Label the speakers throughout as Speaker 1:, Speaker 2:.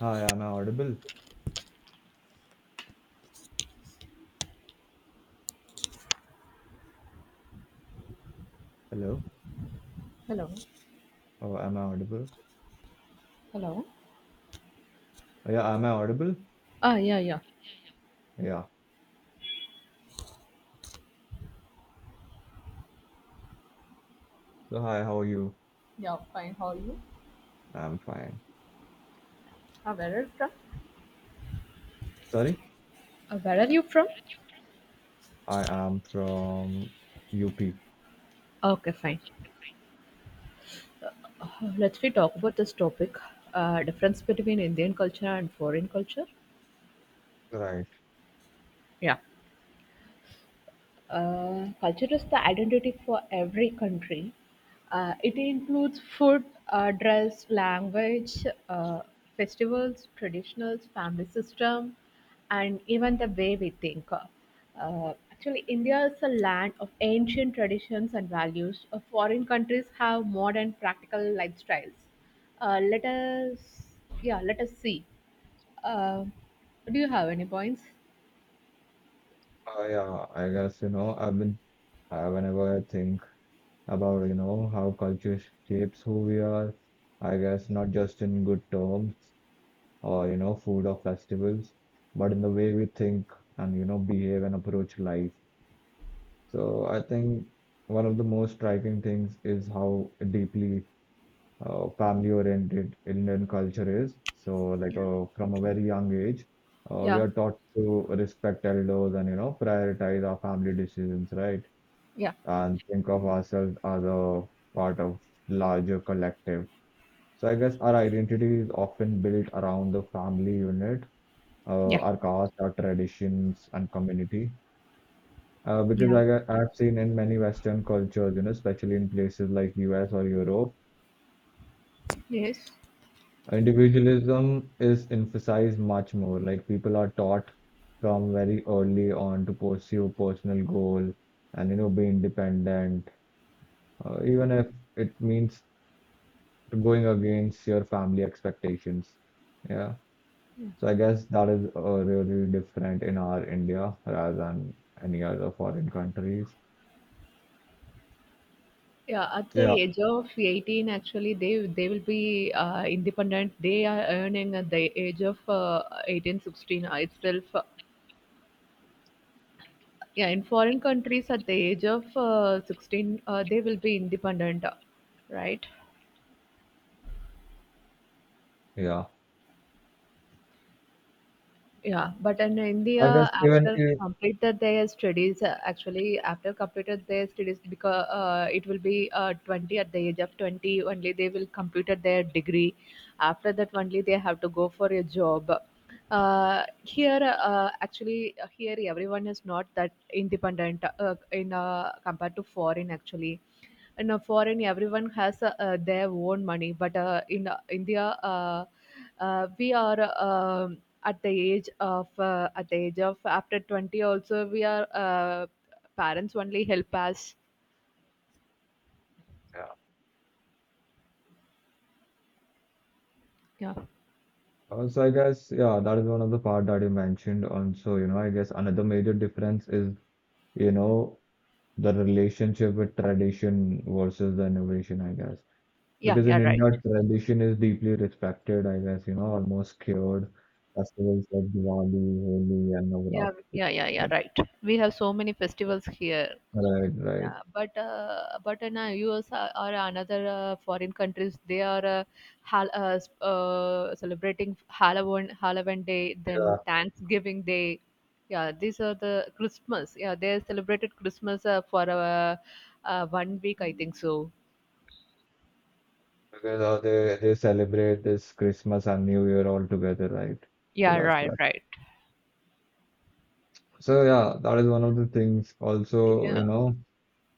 Speaker 1: Hi, am I audible? Hello?
Speaker 2: Hello.
Speaker 1: Oh, am I audible?
Speaker 2: Hello.
Speaker 1: Oh, yeah, am I audible?
Speaker 2: Yeah, yeah.
Speaker 1: Yeah. So, hi, how are you?
Speaker 2: Yeah, fine. How are you?
Speaker 1: I'm fine.
Speaker 2: Where are you from?
Speaker 1: Sorry,
Speaker 2: Where are you from?
Speaker 1: I am from UP.
Speaker 2: Okay, fine. Let's we talk about this topic, difference between Indian culture and foreign culture.
Speaker 1: Right.
Speaker 2: Yeah. Culture is the identity for every country. It includes food, dress, language, festivals, traditionals, family system, and even the way we think. Actually, India is a land of ancient traditions and values. Foreign countries have modern practical lifestyles. Uh, let us, yeah, let us see. Uh, do you have any points?
Speaker 1: Yeah, I guess, whenever I think about, how culture shapes who we are, I guess not just in good terms or, food or festivals, but in the way we think and, behave and approach life. So I think one of the most striking things is how deeply family-oriented Indian culture is. So like
Speaker 2: Yeah.
Speaker 1: from a very young age, we
Speaker 2: Yeah,
Speaker 1: are taught to respect elders and prioritize our family decisions, right?
Speaker 2: yeah,
Speaker 1: And think of ourselves as a part of larger collective. So I guess our identity is often built around the family unit,
Speaker 2: yeah.
Speaker 1: our caste, our traditions, and community.
Speaker 2: Yeah.
Speaker 1: I've seen in many Western cultures, you know, especially in places like US or Europe,
Speaker 2: Yes.
Speaker 1: individualism is emphasized much more. Like people are taught from very early on to pursue personal goal and, be independent, even if it means going against your family expectations. Yeah. So I guess that is really different in our India rather than any other foreign countries.
Speaker 2: Yeah, at the
Speaker 1: Yeah.
Speaker 2: age of 18, actually, they will be independent. They are earning at the age of 18, 16 itself. Yeah, in foreign countries, at the age of 16, they will be independent, right?
Speaker 1: Yeah.
Speaker 2: Yeah, but in India,
Speaker 1: I guess even
Speaker 2: after
Speaker 1: if
Speaker 2: completed their studies, actually after completed their studies, because it will be 20. At the age of 20 only they will completed their degree. After that only they have to go for a job. Here everyone is not that independent in compared to foreign, actually. In a foreign, everyone has their own money, but in india, uh, we are, uh, at the age of after 20 also we are, parents only help us. Yeah,
Speaker 1: Also, I guess, yeah, that is one of the part that you mentioned. Also, I guess another major difference is, you know, the relationship with tradition versus the innovation, I guess.
Speaker 2: yeah,
Speaker 1: Because in
Speaker 2: yeah, right.
Speaker 1: India, tradition is deeply respected, I guess, almost cured. Festivals like Diwali, Holi, and
Speaker 2: Yeah,
Speaker 1: Navratri.
Speaker 2: yeah, yeah, yeah, right. We have so many festivals here.
Speaker 1: Right, right.
Speaker 2: Yeah, but in US or another foreign countries, they are celebrating Halloween, Halloween Day, then
Speaker 1: Yeah,
Speaker 2: Thanksgiving Day. Yeah, these are the Christmas. Yeah, they celebrated Christmas for 1 week, I think so.
Speaker 1: because how they celebrate this Christmas and New Year all together, right? So
Speaker 2: Yeah,
Speaker 1: that's
Speaker 2: right,
Speaker 1: why.
Speaker 2: right.
Speaker 1: So yeah, that is one of the things. Also,
Speaker 2: Yeah,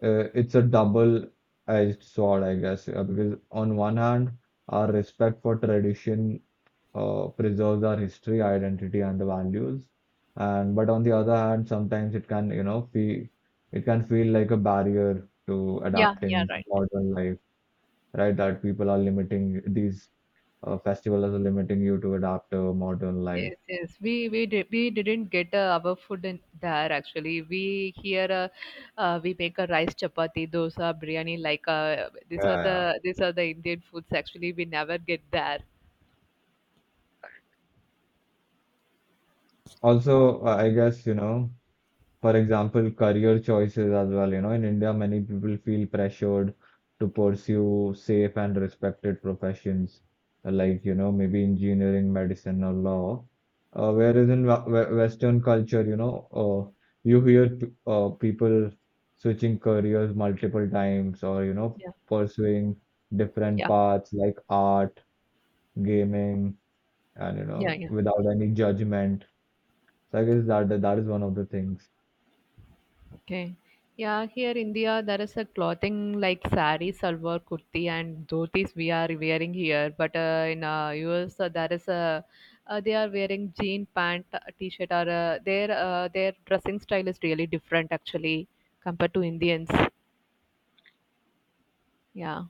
Speaker 1: It's a double-edged sword, I guess, because on one hand, our respect for tradition preserves our history, identity, and the values, and but on the other hand, sometimes it can feel like a barrier to
Speaker 2: yeah, yeah,
Speaker 1: adapting to
Speaker 2: right.
Speaker 1: modern life, right? That people are limiting these festivals are limiting you to adapt to modern life.
Speaker 2: Yes, yes. We didn't get our food in there, actually. We here we make a rice chapati, dosa, biryani. These
Speaker 1: Yeah.
Speaker 2: are
Speaker 1: Yeah.
Speaker 2: the these are the Indian foods, actually. We never get there.
Speaker 1: Also, For example, career choices as well. You know, in India, many people feel pressured to pursue safe and respected professions like, maybe engineering, medicine, or law. Whereas in Western culture, you hear people switching careers multiple times or,
Speaker 2: Yeah,
Speaker 1: pursuing different
Speaker 2: yeah,
Speaker 1: paths like art, gaming, and,
Speaker 2: yeah, yeah.
Speaker 1: without any judgment. So I guess that is one of the things.
Speaker 2: Okay. Yeah, here India there is a clothing like sari, salwar, kurti, and dhotis we are wearing here. But in US there is a, they are wearing jean pant, t-shirt, or their dressing style is really different, actually, compared to Indians. Yeah.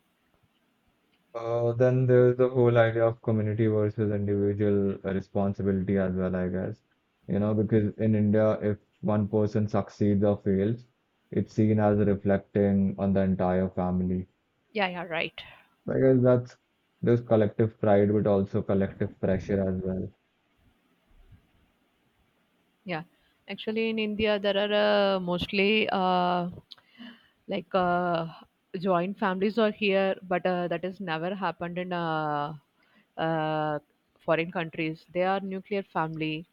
Speaker 1: Then there's the whole idea of community versus individual responsibility as well, I guess. You know, because in India, if one person succeeds or fails, it's seen as reflecting on the entire family.
Speaker 2: Yeah. Yeah. Right.
Speaker 1: So I guess that's there's collective pride, but also collective pressure as well.
Speaker 2: Yeah, actually, in India, there are mostly like uh, joint families are here, but that has never happened in uh, foreign countries. They are nuclear family.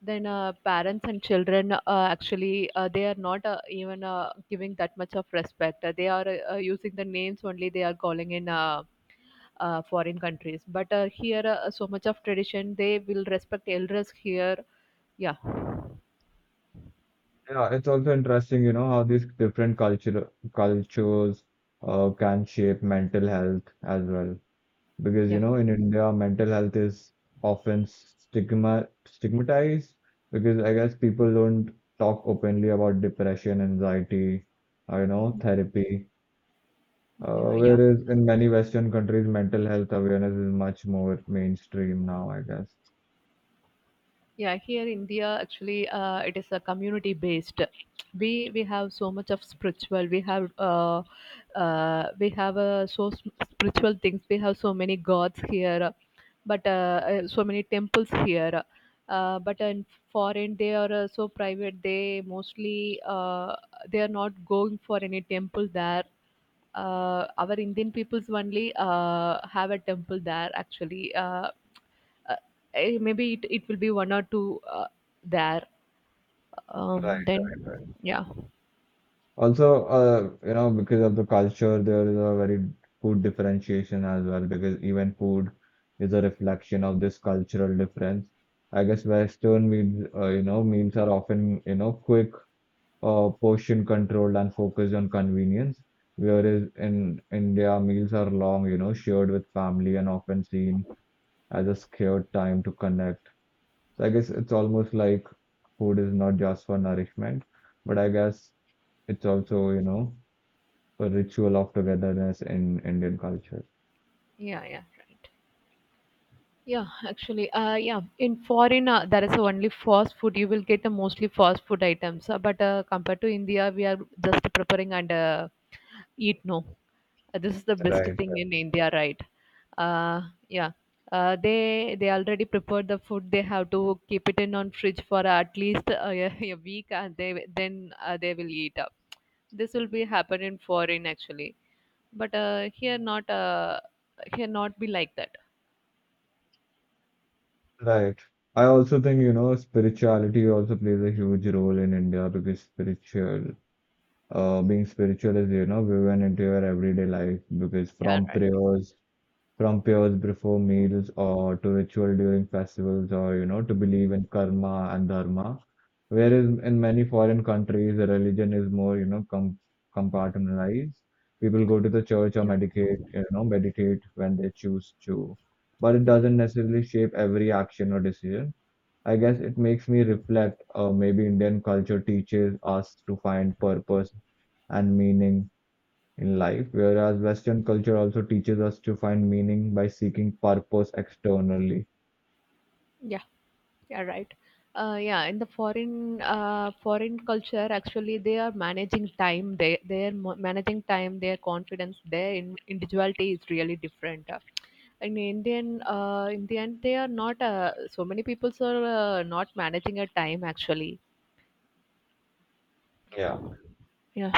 Speaker 2: Then parents and children, actually, they are not even giving that much of respect. They are using the names only. They are calling in. Foreign countries, but here so much of tradition, they will respect elders here. Yeah,
Speaker 1: Yeah, it's also interesting, you know, how these different cultures can shape mental health as well. Because
Speaker 2: yeah,
Speaker 1: you know in India mental health is often stigmatized because I guess people don't talk openly about depression, anxiety, therapy.
Speaker 2: yeah, yeah.
Speaker 1: Whereas in many Western countries, mental health awareness is much more mainstream now, I guess.
Speaker 2: Yeah, here india, actually, it is a community based. We have so much of spiritual. We have, we have, spiritual things. We have so many gods here, but so many temples here. But in foreign they are so private. They mostly they are not going for any temple there. Our indian peoples only have a temple there, actually. Uh, Maybe it will be one or two there.
Speaker 1: Right,
Speaker 2: Then
Speaker 1: right, right.
Speaker 2: yeah.
Speaker 1: Also, you know, because of the culture, there is a very food differentiation as well, because even food is a reflection of this cultural difference. I guess Western meals, meals are often, quick, portion controlled and focused on convenience, whereas in India, meals are long, you know, shared with family and often seen as a scared time to connect. So I guess it's almost like food is not just for nourishment, but I guess it's also, a ritual of togetherness in Indian culture.
Speaker 2: Yeah, yeah, right. Yeah, actually, yeah, in foreign, there is only fast food. You will get the mostly fast food items, but compared to india, we are just preparing and eat, no. This is the best
Speaker 1: Right,
Speaker 2: thing
Speaker 1: right,
Speaker 2: in india, right? uh, yeah, they, already prepared the food. They have to keep it in on fridge for at least a, week, and they then they will eat up. This will be happen in foreign, actually, but here not, here not be like that.
Speaker 1: right. I also think, you know, spirituality also plays a huge role in India because being spiritual is, you know, woven into your everyday life because
Speaker 2: Yeah, right.
Speaker 1: from prayers before meals or to ritual during festivals or you know to believe in karma and dharma, whereas in many foreign countries the religion is more compartmentalized. People go to the church or
Speaker 2: Yeah,
Speaker 1: meditate you know meditate when they choose to, but it
Speaker 2: yeah,
Speaker 1: doesn't necessarily shape every action or decision. I guess it makes me reflect, maybe Indian culture teaches us to find purpose and meaning in life, whereas Western culture also teaches us to find meaning by seeking purpose externally.
Speaker 2: yeah, yeah, right. Yeah, in the foreign, foreign culture, actually, they are managing time. They are managing time. Their confidence, their individuality is really different, in indian. In the end, they are not, so many people are not managing a time, actually. Yeah,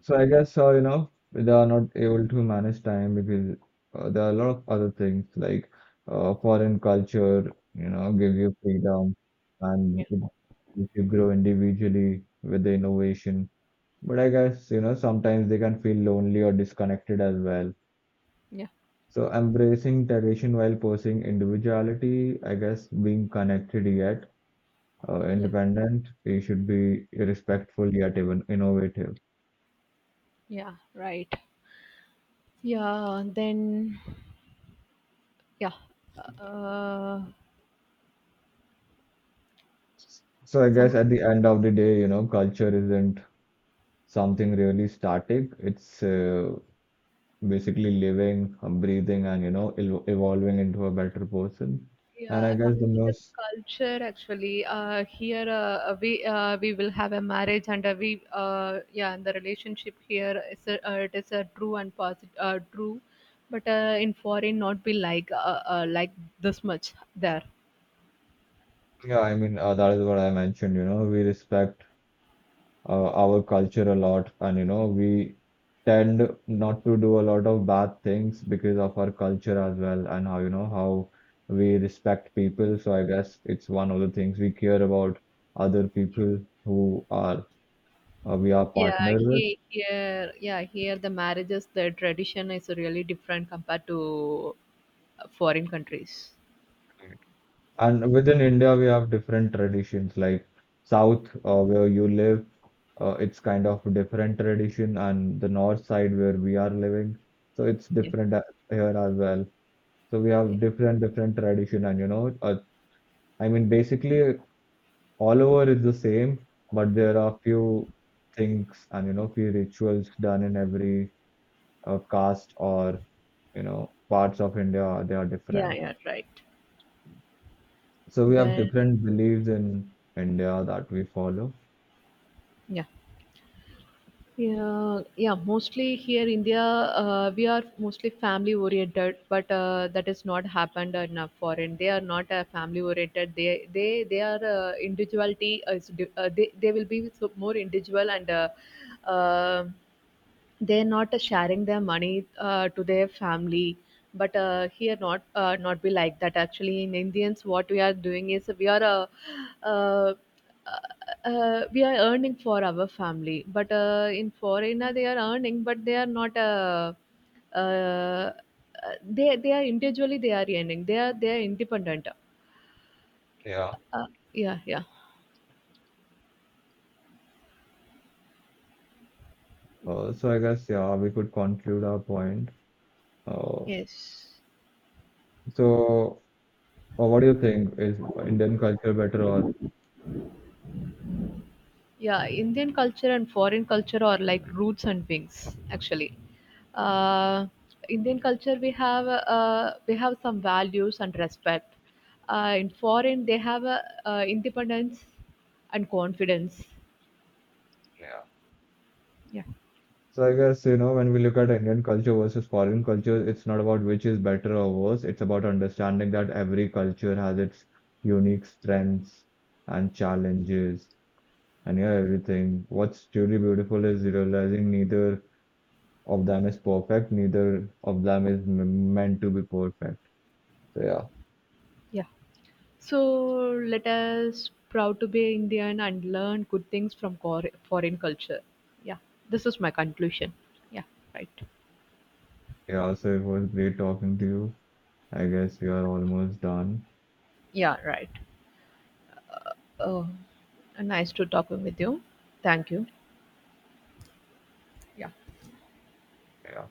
Speaker 1: So I guess you know they are not able to manage time because there are a lot of other things like foreign culture, you know, gives you freedom and
Speaker 2: yeah,
Speaker 1: it helps you grow individually with the innovation. But I guess you know sometimes they can feel lonely or disconnected as well.
Speaker 2: yeah,
Speaker 1: So embracing tradition while pursuing individuality, I guess being connected yet
Speaker 2: yeah,
Speaker 1: independent. We should be respectful yet even innovative.
Speaker 2: yeah, right. Yeah. Then, yeah. Uh,
Speaker 1: So I
Speaker 2: some
Speaker 1: guess at the end of the day, you know, culture isn't something really static. It's basically living, breathing, and you know, evolving into a better person. And I
Speaker 2: yeah,
Speaker 1: guess
Speaker 2: coming
Speaker 1: the
Speaker 2: to the
Speaker 1: most,
Speaker 2: culture, actually, here we will have a marriage, and we yeah, and the relationship here is a, it is a true and positive, true, but in foreign not be like this much there.
Speaker 1: yeah, I mean, that is what I mentioned. You know, we respect our culture a lot and you know we tend not to do a lot of bad things because of our culture as well and how you know how we respect people, so I guess it's one of the things we care about other people who are we are
Speaker 2: Yeah,
Speaker 1: partnered with.
Speaker 2: here, here, yeah, here the marriages, the tradition is really different compared to foreign countries.
Speaker 1: And within India we have different traditions like south where you live, it's kind of a different tradition and the north side where we are living, so it's
Speaker 2: Yeah,
Speaker 1: different here as well. So we have
Speaker 2: yeah,
Speaker 1: different tradition, and I mean, basically all over is the same, but there are few things and you know, few rituals done in every caste or you know parts of India. They are
Speaker 2: yeah,
Speaker 1: different.
Speaker 2: yeah, right.
Speaker 1: So we have
Speaker 2: Then,
Speaker 1: different beliefs in India that we follow.
Speaker 2: yeah. Yeah, yeah. Mostly here, India, we are mostly family oriented, but that is not happened in enough foreign. They are not family oriented. They are individuality. They will be so more individual, and um they're not sharing their money to their family. But here not not be like that. Actually, in indians, what we are doing is we are, uh, we are earning for our family, but in foreigner they are earning, but they are not, uh, they are individually, they are earning, they are, they are independent,
Speaker 1: Yeah.
Speaker 2: yeah, yeah.
Speaker 1: So I guess yeah, we could conclude our point. Uh,
Speaker 2: Yes.
Speaker 1: so what do you think? Is Indian culture better or?
Speaker 2: Yeah, Indian culture and foreign culture are like roots and wings, actually. Uh, Indian culture, we have, we have some values and respect. In foreign, they have, independence and confidence.
Speaker 1: Yeah.
Speaker 2: Yeah,
Speaker 1: So I guess, you know, when we look at Indian culture versus foreign culture, it's not about which is better or worse. It's about understanding that every culture has its unique strengths and challenges and yeah, everything. What's truly beautiful is realizing neither of them is perfect, neither of them is m meant to be perfect. So yeah.
Speaker 2: yeah. So let us proud to be Indian and learn good things from foreign culture. Yeah, this is my conclusion. Yeah, right.
Speaker 1: Yeah, so it was great talking to you. I guess we are almost done.
Speaker 2: Yeah, right. Oh, nice to talking with you. Thank you. Yeah.
Speaker 1: Yeah.